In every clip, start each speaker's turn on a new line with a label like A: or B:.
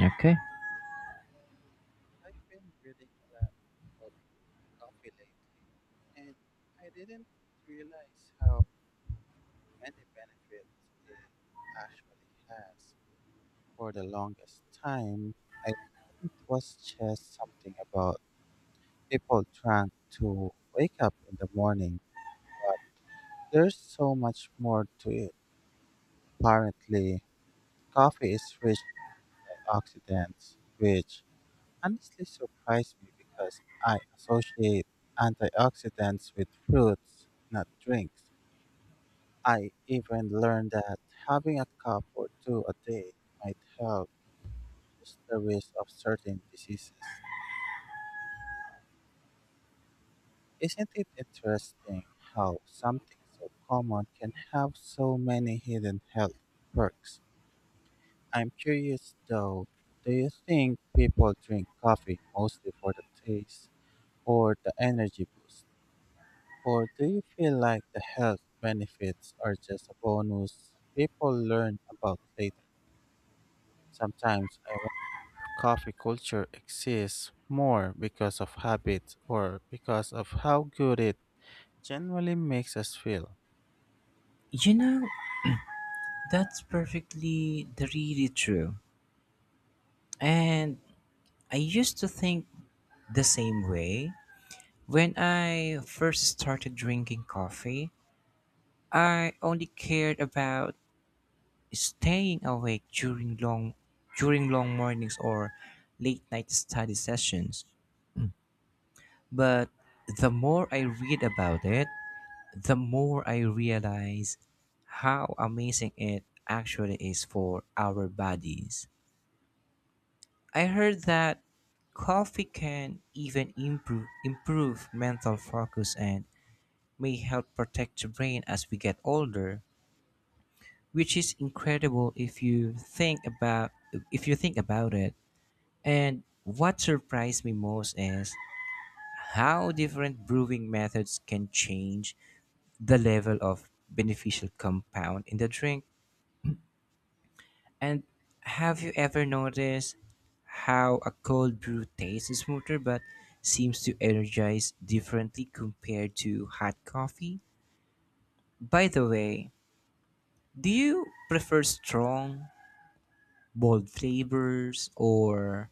A: Okay.
B: I've been reading a lot about coffee lately, and I didn't realize how many benefits it actually has. For the longest time, I thought it was just something about people trying to wake up in the morning, but there's so much more to it. Apparently, coffee is rich in antioxidants, which honestly surprised me because I associate antioxidants with fruits, not drinks. I even learned that having a cup or two a day might help reduce the risk of certain diseases. Isn't it interesting how something so common can have so many hidden health perks? I'm curious though, do you think people drink coffee mostly for the taste or the energy boost? Or do you feel like the health benefits are just a bonus people learn about later? Sometimes I wonder if coffee culture exists more because of habit or because of how good it generally makes us feel.
A: You know, that's perfectly really true. And I used to think the same way. When I first started drinking coffee, I only cared about staying awake during long mornings or late night study sessions. But the more I read about it, the more I realize how amazing it actually is for our bodies. I heard that coffee can even improve mental focus and may help protect the brain as we get older, which is incredible if you think about it. And what surprised me most is how different brewing methods can change the level of beneficial compound in the drink. And have you ever noticed how a cold brew tastes smoother but seems to energize differently compared to hot coffee? By the way, do you prefer strong, bold flavors, or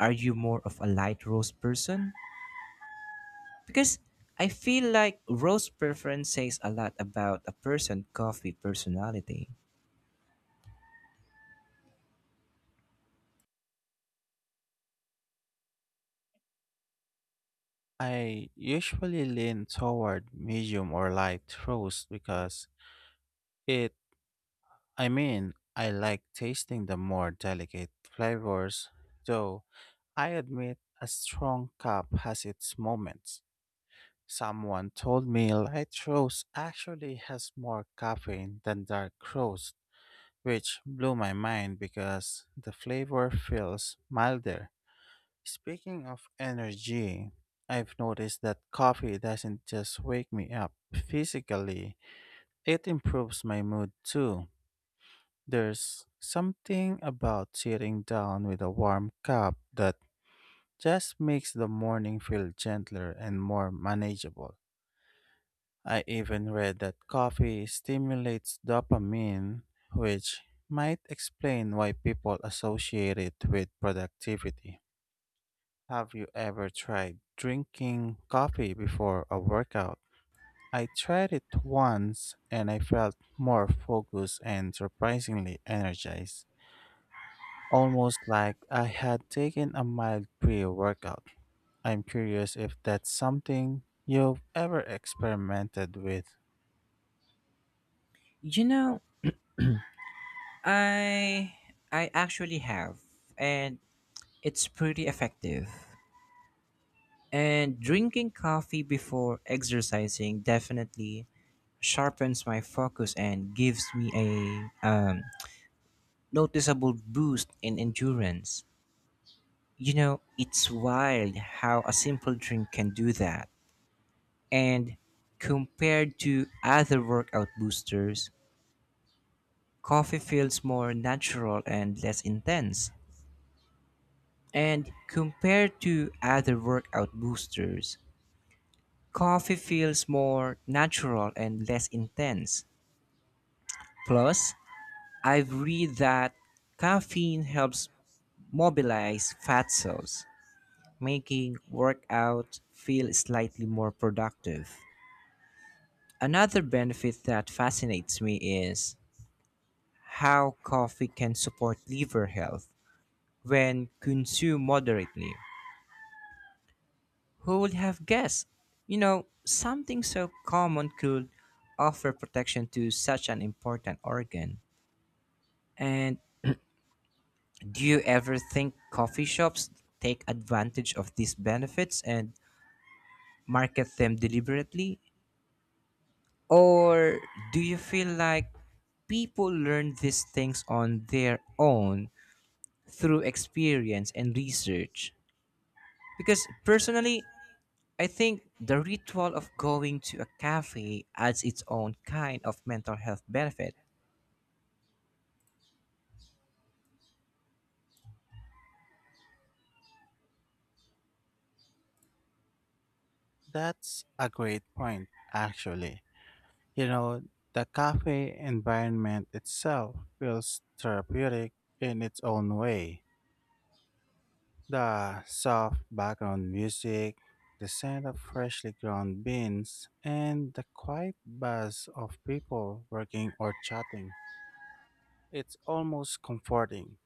A: are you more of a light roast person? Because I feel like roast preference says a lot about a person' coffee personality.
B: I usually lean toward medium or light roast because it I like tasting the more delicate flavors, though I admit a strong cup has its moments. Someone told me light roast actually has more caffeine than dark roast, which blew my mind because the flavor feels milder. Speaking of energy, I've noticed that coffee doesn't just wake me up physically, it improves my mood too. There's something about sitting down with a warm cup that just makes the morning feel gentler and more manageable. I even read that coffee stimulates dopamine, which might explain why people associate it with productivity. Have you ever tried drinking coffee before a workout? I tried it once and I felt more focused and surprisingly energized, almost like I had taken a mild pre-workout. I'm curious if that's something you've ever experimented with.
A: You know, I I actually have, and it's pretty effective. And drinking coffee before exercising definitely sharpens my focus and gives me a um, noticeable boost in endurance. You know, it's wild how a simple drink can do that. And compared to other workout boosters, coffee feels more natural and less intense. And compared to other workout boosters, coffee feels more natural and less intense. Plus, I've read that caffeine helps mobilize fat cells, making workout feel slightly more productive. Another benefit that fascinates me is how coffee can support liver health when consumed moderately. Who would have guessed? You know, something so common could offer protection to such an important organ. And do you ever think coffee shops take advantage of these benefits and market them deliberately? Or do you feel like people learn these things on their own through experience and research? Because personally, I think the ritual of going to a cafe adds its own kind of mental health benefit.
B: That's a great point, actually. You know, the cafe environment itself feels therapeutic in its own way. The soft background music, the scent of freshly ground beans, and the quiet buzz of people working or chatting. It's almost comforting.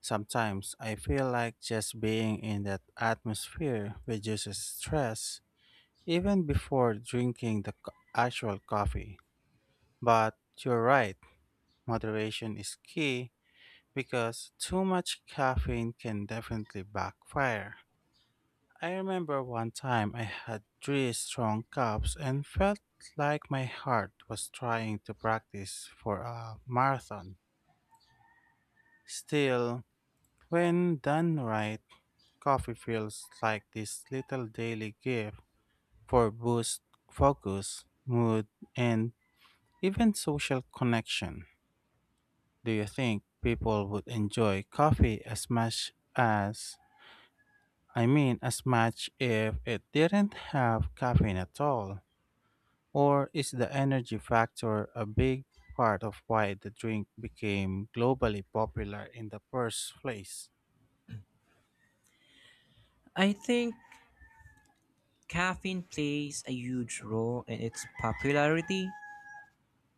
B: Sometimes I feel like just being in that atmosphere reduces stress even before drinking the actual coffee. But you're right, moderation is key because too much caffeine can definitely backfire. I remember one time I had three strong cups and felt like my heart was trying to practice for a marathon. Still, when done right, coffee feels like this little daily gift for boost focus, mood, and even social connection. Do you think people would enjoy coffee as much as as much if it didn't have caffeine at all? Or is the energy factor a big part of why the drink became globally popular in the first place?
A: I think caffeine plays a huge role in its popularity,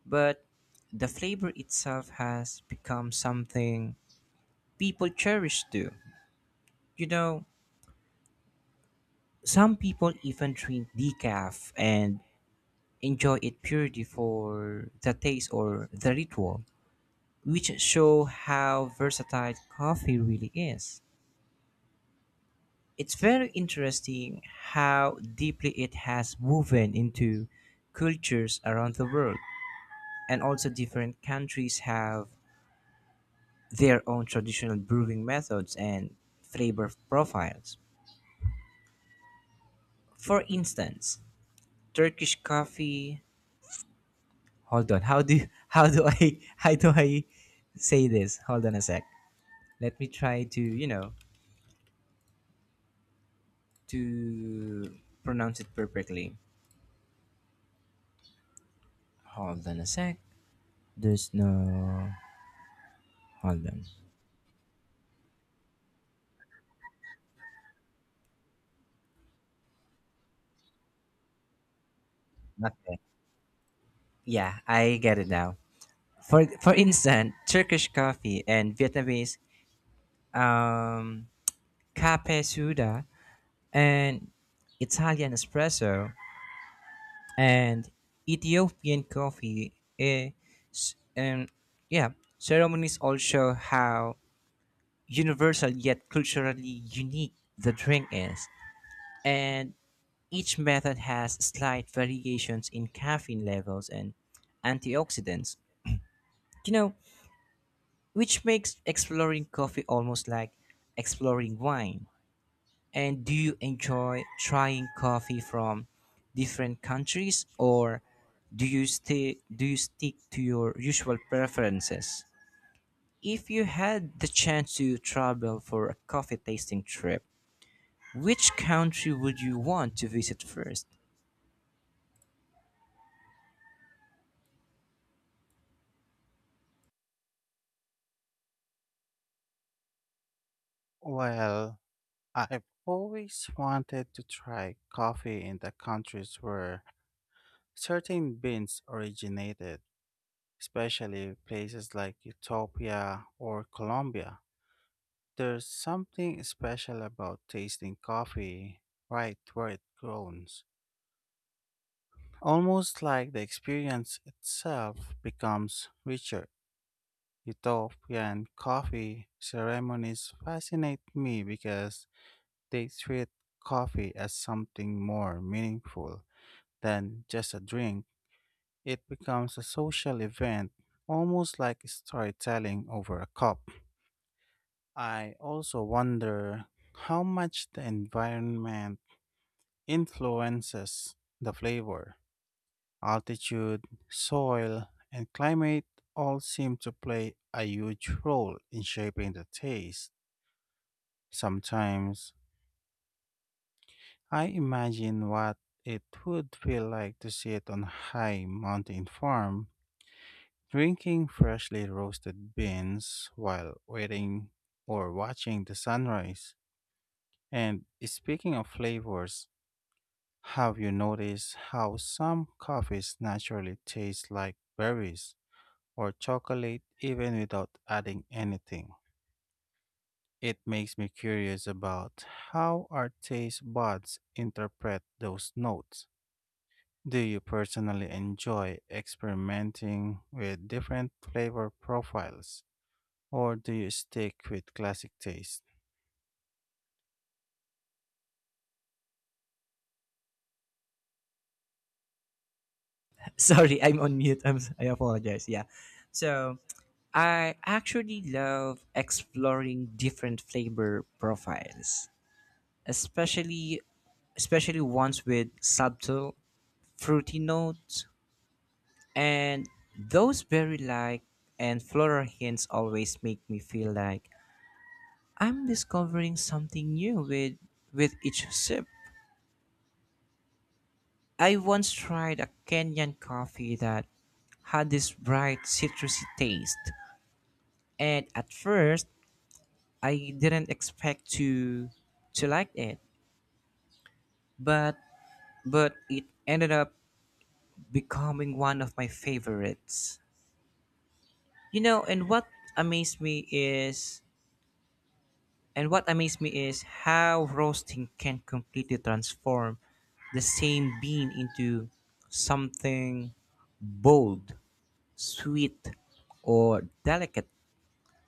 A: but the flavor itself has become something people cherish too. You know, some people even drink decaf and enjoy it purely for the taste or the ritual, which show how versatile coffee really is. It's very interesting how deeply it has woven into cultures around the world, and also different countries have their own traditional brewing methods and flavor profiles. For instance, Turkish coffee. Hold on. How do you, how do I say this? Hold on a sec. Let me try to to pronounce it perfectly. Hold on a sec. There's no. Hold on. Nothing. Yeah, I get it now. For instance, Turkish coffee and Vietnamese um, kape suda, and Italian espresso, and Ethiopian coffee. eh, and yeah, ceremonies all show how universal yet culturally unique the drink is. And each method has slight variations in caffeine levels and antioxidants, you know, which makes exploring coffee almost like exploring wine. And do you enjoy trying coffee from different countries, or do you stick to your usual preferences? If you had the chance to travel for a coffee tasting trip, which country would you want to visit first?
B: Well, I've always wanted to try coffee in the countries where certain beans originated, especially places like Ethiopia or Colombia. There's something special about tasting coffee right where it grows, almost like the experience itself becomes richer. Ethiopian coffee ceremonies fascinate me because they treat coffee as something more meaningful than just a drink, it becomes a social event, almost like storytelling over a cup. I also wonder how much the environment influences the flavor. Altitude, soil, and climate all seem to play a huge role in shaping the taste. Sometimes I imagine what it would feel like to sit on a high mountain farm drinking freshly roasted beans while waiting or watching the sunrise. And speaking of flavors, have you noticed how some coffees naturally taste like berries or chocolate even without adding anything? It makes me curious about how our taste buds interpret those notes. Do you personally enjoy experimenting with different flavor profiles? Or do you stick with classic taste?
A: Sorry, I'm on mute. I apologize. Yeah. So, I actually love exploring different flavor profiles, especially especially ones with subtle, fruity notes. And those berry like and floral hints always make me feel like I'm discovering something new with each sip. I once tried a Kenyan coffee that had this bright citrusy taste. And at first, I didn't expect to like it, but it ended up becoming one of my favorites. You know, and what amazed me is and what amazed me is how roasting can completely transform the same bean into something bold, sweet, or delicate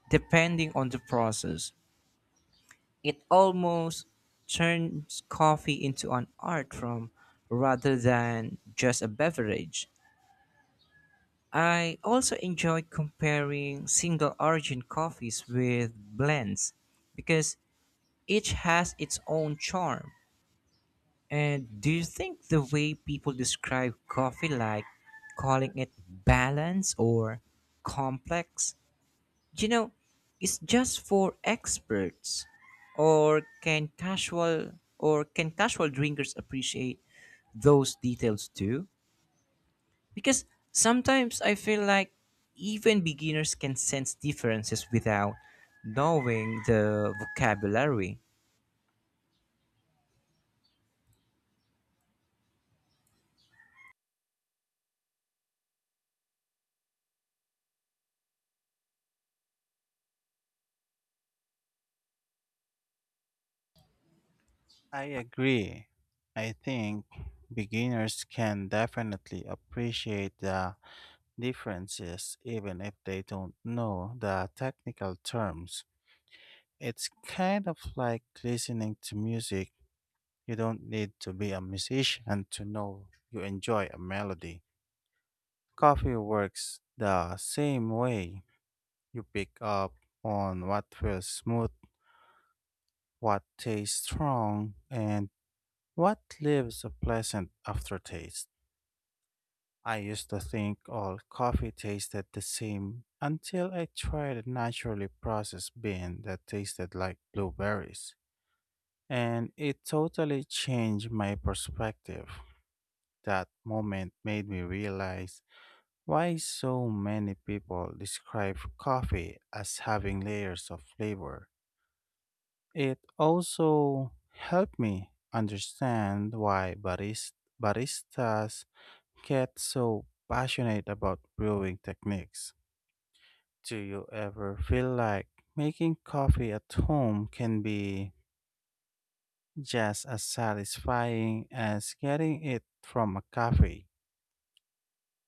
A: depending on the process. It almost turns coffee into an art form rather than just a beverage. I also enjoy comparing single origin coffees with blends because each has its own charm. And do you think the way people describe coffee, like calling it balanced or complex, you know, is just for experts? Or can casual drinkers appreciate those details too? Because sometimes I feel like even beginners can sense differences without knowing the vocabulary.
B: I agree. I think beginners can definitely appreciate the differences even if they don't know the technical terms. It's kind of like listening to music. You don't need to be a musician to know you enjoy a melody. Coffee works the same way. You pick up on what feels smooth, what tastes strong, and what leaves a pleasant aftertaste. I used to think all coffee tasted the same until I tried a naturally processed bean that tasted like blueberries, and it totally changed my perspective. That moment made me realize why so many people describe coffee as having layers of flavor. It also helped me understand why baristas get so passionate about brewing techniques. Do you ever feel like making coffee at home can be just as satisfying as getting it from a cafe?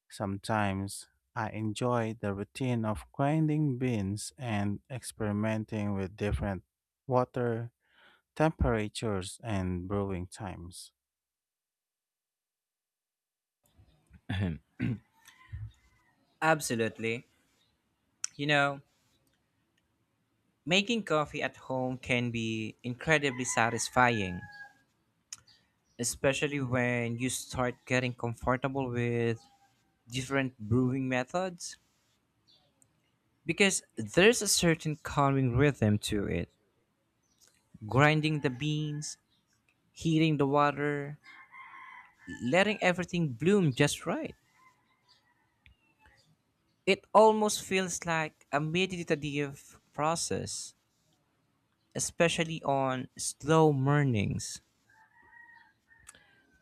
B: Sometimes I enjoy the routine of grinding beans and experimenting with different water temperatures and brewing times.
A: Absolutely. You know, making coffee at home can be incredibly satisfying, especially when you start getting comfortable with different brewing methods. Because there's a certain calming rhythm to it. Grinding the beans, heating the water, letting everything bloom just right. It almost feels like a meditative process, especially on slow mornings.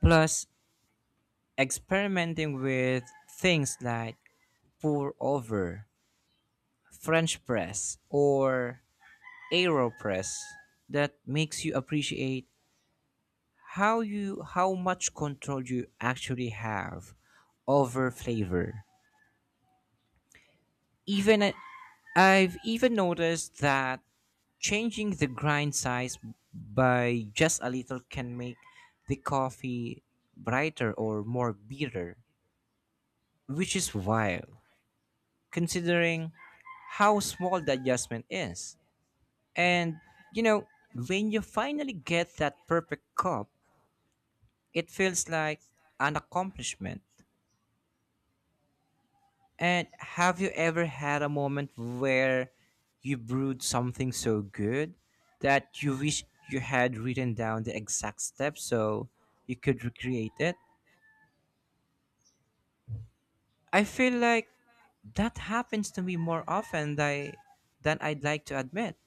A: Plus, experimenting with things like pour over, French press, or AeroPress that makes you appreciate how much control you actually have over flavor. Even at, I've even noticed that changing the grind size by just a little can make the coffee brighter or more bitter, which is wild considering how small the adjustment is. And, you know, when you finally get that perfect cup, it feels like an accomplishment. And have you ever had a moment where you brewed something so good that you wish you had written down the exact steps so you could recreate it? I feel like that happens to me more often than I'd like to admit.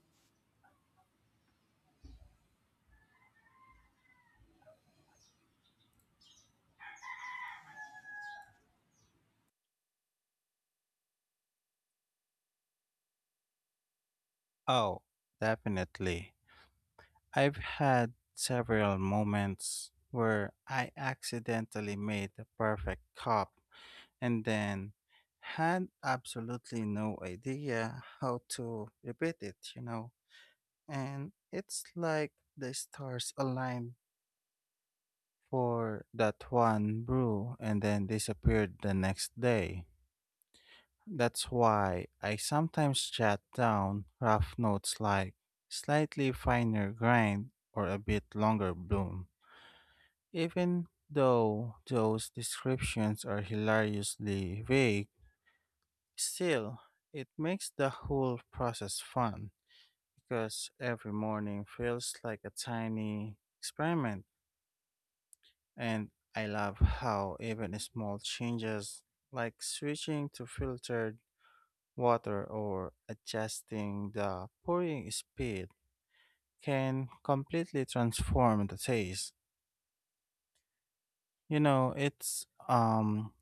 B: Oh, definitely. I've had several moments where I accidentally made the perfect cup and then had absolutely no idea how to repeat it. And it's like the stars aligned for that one brew and then disappeared the next day. That's why I sometimes jot down rough notes like slightly finer grind or a bit longer bloom. Even though those descriptions are hilariously vague, still, it makes the whole process fun because every morning feels like a tiny experiment. And I love how even small changes, like switching to filtered water or adjusting the pouring speed, can completely transform the taste. You know, it's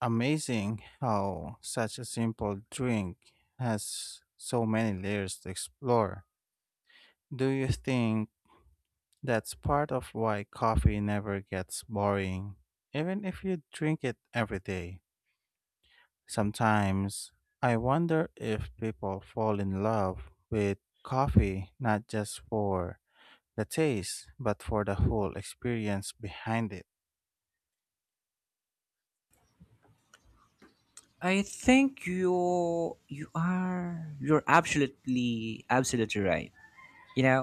B: amazing how such a simple drink has so many layers to explore. Do you think that's part of why coffee never gets boring, even if you drink it every day? Sometimes I wonder if people fall in love with coffee not just for the taste, but for the whole experience behind it.
A: I think you you are you're absolutely right. You know,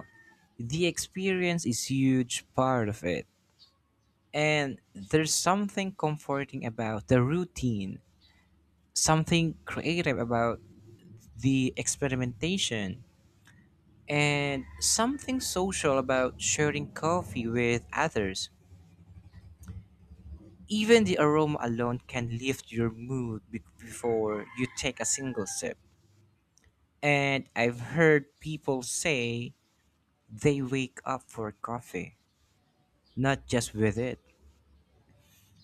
A: the experience is huge part of it, and there's something comforting about the routine, something creative about the experimentation, and something social about sharing coffee with others. Even the aroma alone can lift your mood before you take a single sip. And I've heard people say they wake up for coffee, not just with it.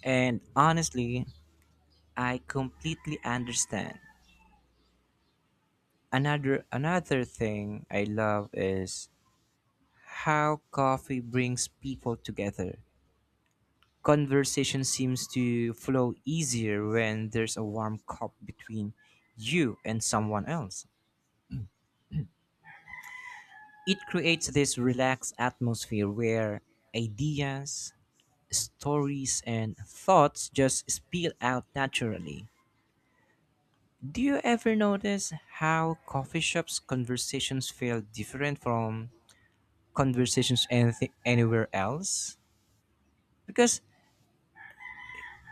A: And honestly, I completely understand. Another thing I love is how coffee brings people together. Conversation seems to flow easier when there's a warm cup between you and someone else. It creates this relaxed atmosphere where ideas, stories, and thoughts just spill out naturally. Do you ever notice how coffee shops conversations feel different from conversations anything anywhere else, because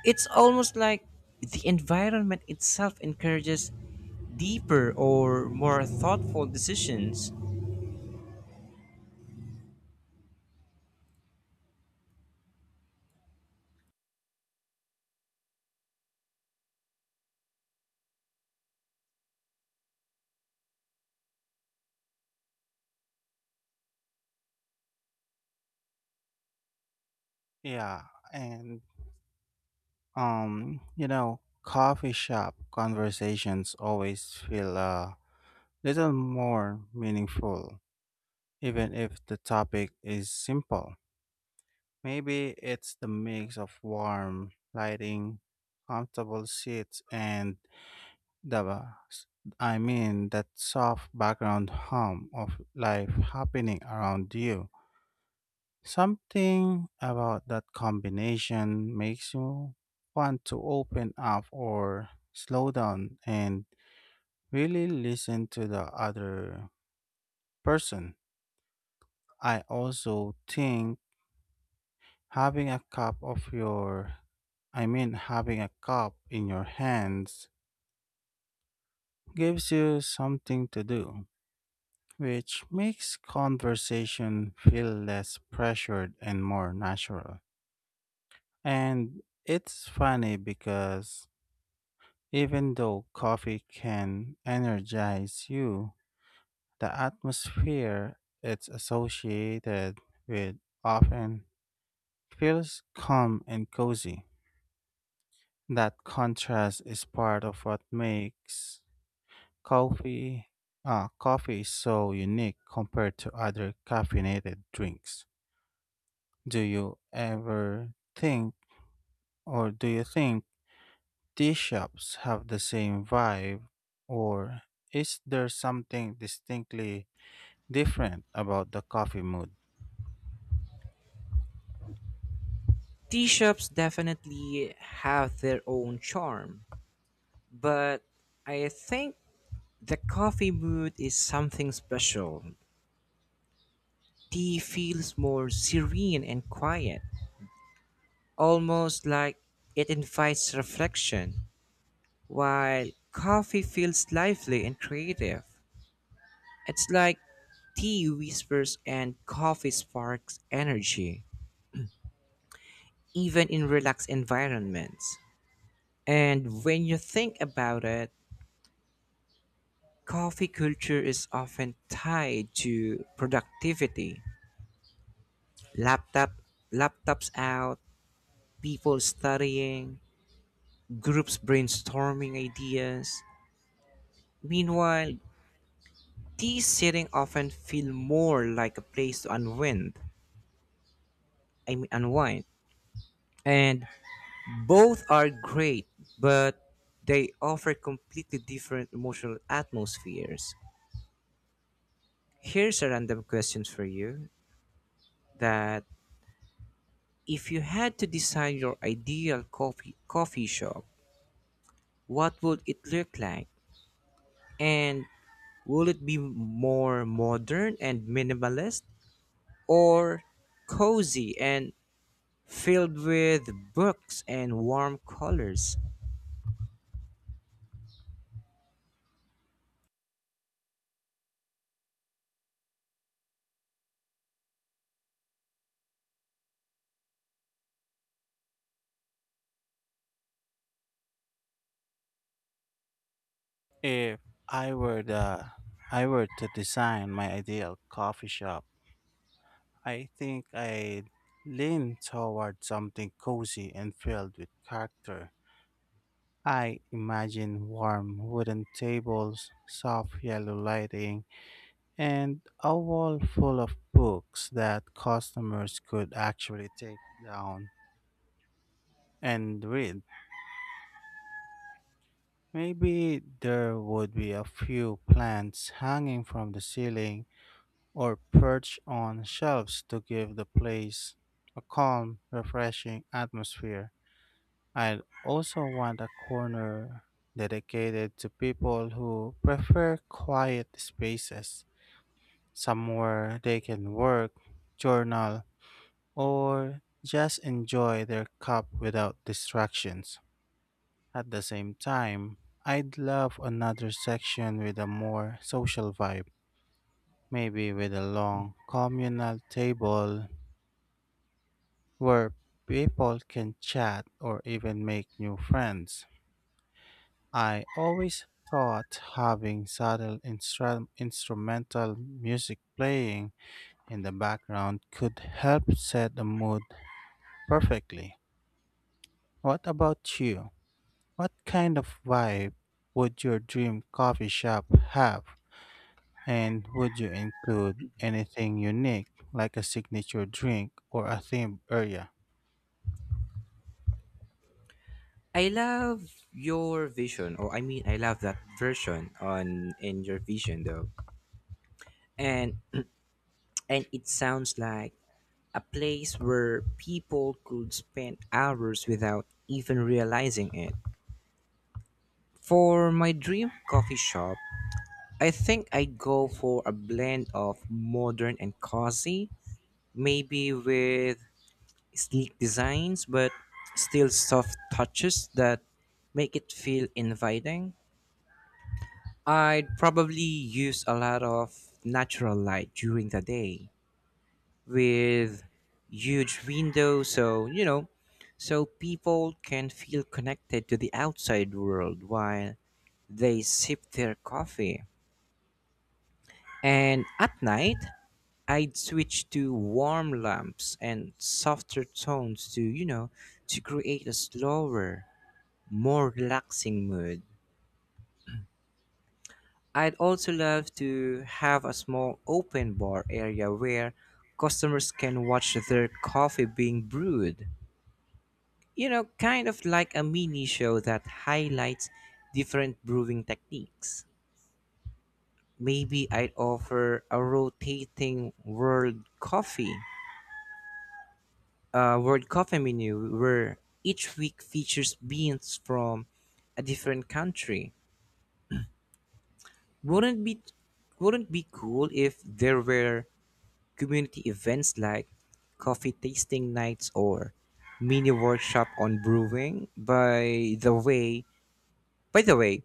A: it's almost like the environment itself encourages deeper or more thoughtful decisions?
B: Yeah, and you know, coffee shop conversations always feel a little more meaningful, even if the topic is simple. Maybe it's the mix of warm lighting, comfortable seats, and the, that soft background hum of life happening around you. Something about that combination makes you want to open up or slow down and really listen to the other person. I also think having a cup of your, having a cup in your hands gives you something to do, which makes conversation feel less pressured and more natural. And it's funny because even though coffee can energize you, the atmosphere it's associated with often feels calm and cozy. That contrast is part of what makes coffee coffee so unique compared to other caffeinated drinks. Do you ever think or do you think tea shops have the same vibe, or is there something distinctly different about the coffee mood?
A: Tea shops definitely have their own charm, but I think the coffee mood is something special. Tea feels more serene and quiet, almost like it invites reflection, while coffee feels lively and creative. It's like tea whispers and coffee sparks energy, even in relaxed environments. And when you think about it, coffee culture is often tied to productivity. Laptop, laptops out, people studying, groups brainstorming ideas. Meanwhile, tea sitting often feel more like a place to unwind. Unwind. And both are great, but they offer completely different emotional atmospheres. Here's a random question for you, that if you had to design your ideal coffee shop, what would it look like? And will it be more modern and minimalist, or cozy and filled with books and warm colors?
B: If I were the I were to design my ideal coffee shop, I think I'd lean toward something cozy and filled with character. I imagine warm wooden tables, soft yellow lighting, and a wall full of books that customers could actually take down and read. Maybe there would be a few plants hanging from the ceiling or perch on shelves to give the place a calm, refreshing atmosphere. I'd also want a corner dedicated to people who prefer quiet spaces, somewhere they can work, journal, or just enjoy their cup without distractions. At the same time, I'd love another section with a more social vibe, maybe with a long communal table where people can chat or even make new friends. I always thought having subtle instrumental music playing in the background could help set the mood perfectly. What about you? What kind of vibe would your dream coffee shop have? And would you include anything unique like a signature drink or a themed area?
A: I love your vision, I love that version on in your vision though, and it sounds like a place where people could spend hours without even realizing it. For my dream coffee shop, I think I go for a blend of modern and cozy, maybe with sleek designs, but still soft touches that make it feel inviting. I'd probably use a lot of natural light during the day with huge windows so, you know, so people can feel connected to the outside world while they sip their coffee. And at night, I'd switch to warm lamps and softer tones to, you know, to create a slower, more relaxing mood. I'd also love to have a small open bar area where customers can watch their coffee being brewed. You know, kind of like a mini show that highlights different brewing techniques. Maybe I'd offer a rotating world coffee menu where each week features beans from a different country. Wouldn't be wouldn't be cool if there were community events like coffee tasting nights or mini workshop on brewing. By the way,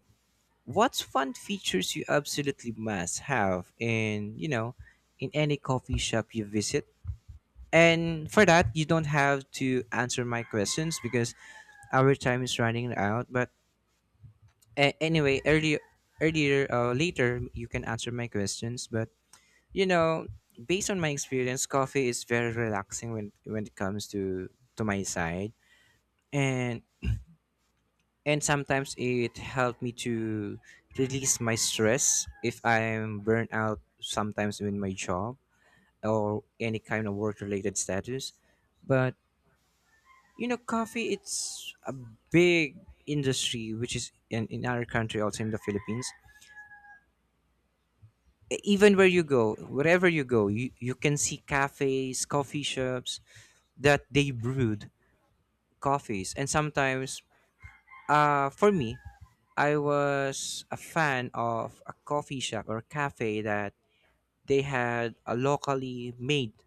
A: what's fun features you absolutely must have in, you know, in any coffee shop you visit? And for that, you don't have to answer my questions because our time is running out. But anyway, later, you can answer my questions. But you know, based on my experience, coffee is very relaxing when it comes to my side, and sometimes it helped me to release my stress if I'm burnt out sometimes in my job or any kind of work related status. But you know, coffee it's a big industry which is in our country also in the Philippines. Even where you go, wherever you go, you can see cafes, coffee shops, that they brewed coffees. And sometimes for me, I was a fan of a coffee shop or cafe that they had a locally made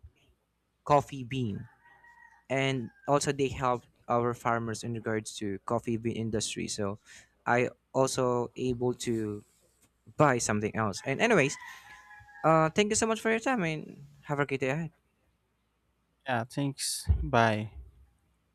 A: coffee bean, and also they helped our farmers in regards to coffee bean industry. So I also able to buy something else. And anyways, thank you so much for your time and have a great day ahead.
B: Yeah, thanks. Bye.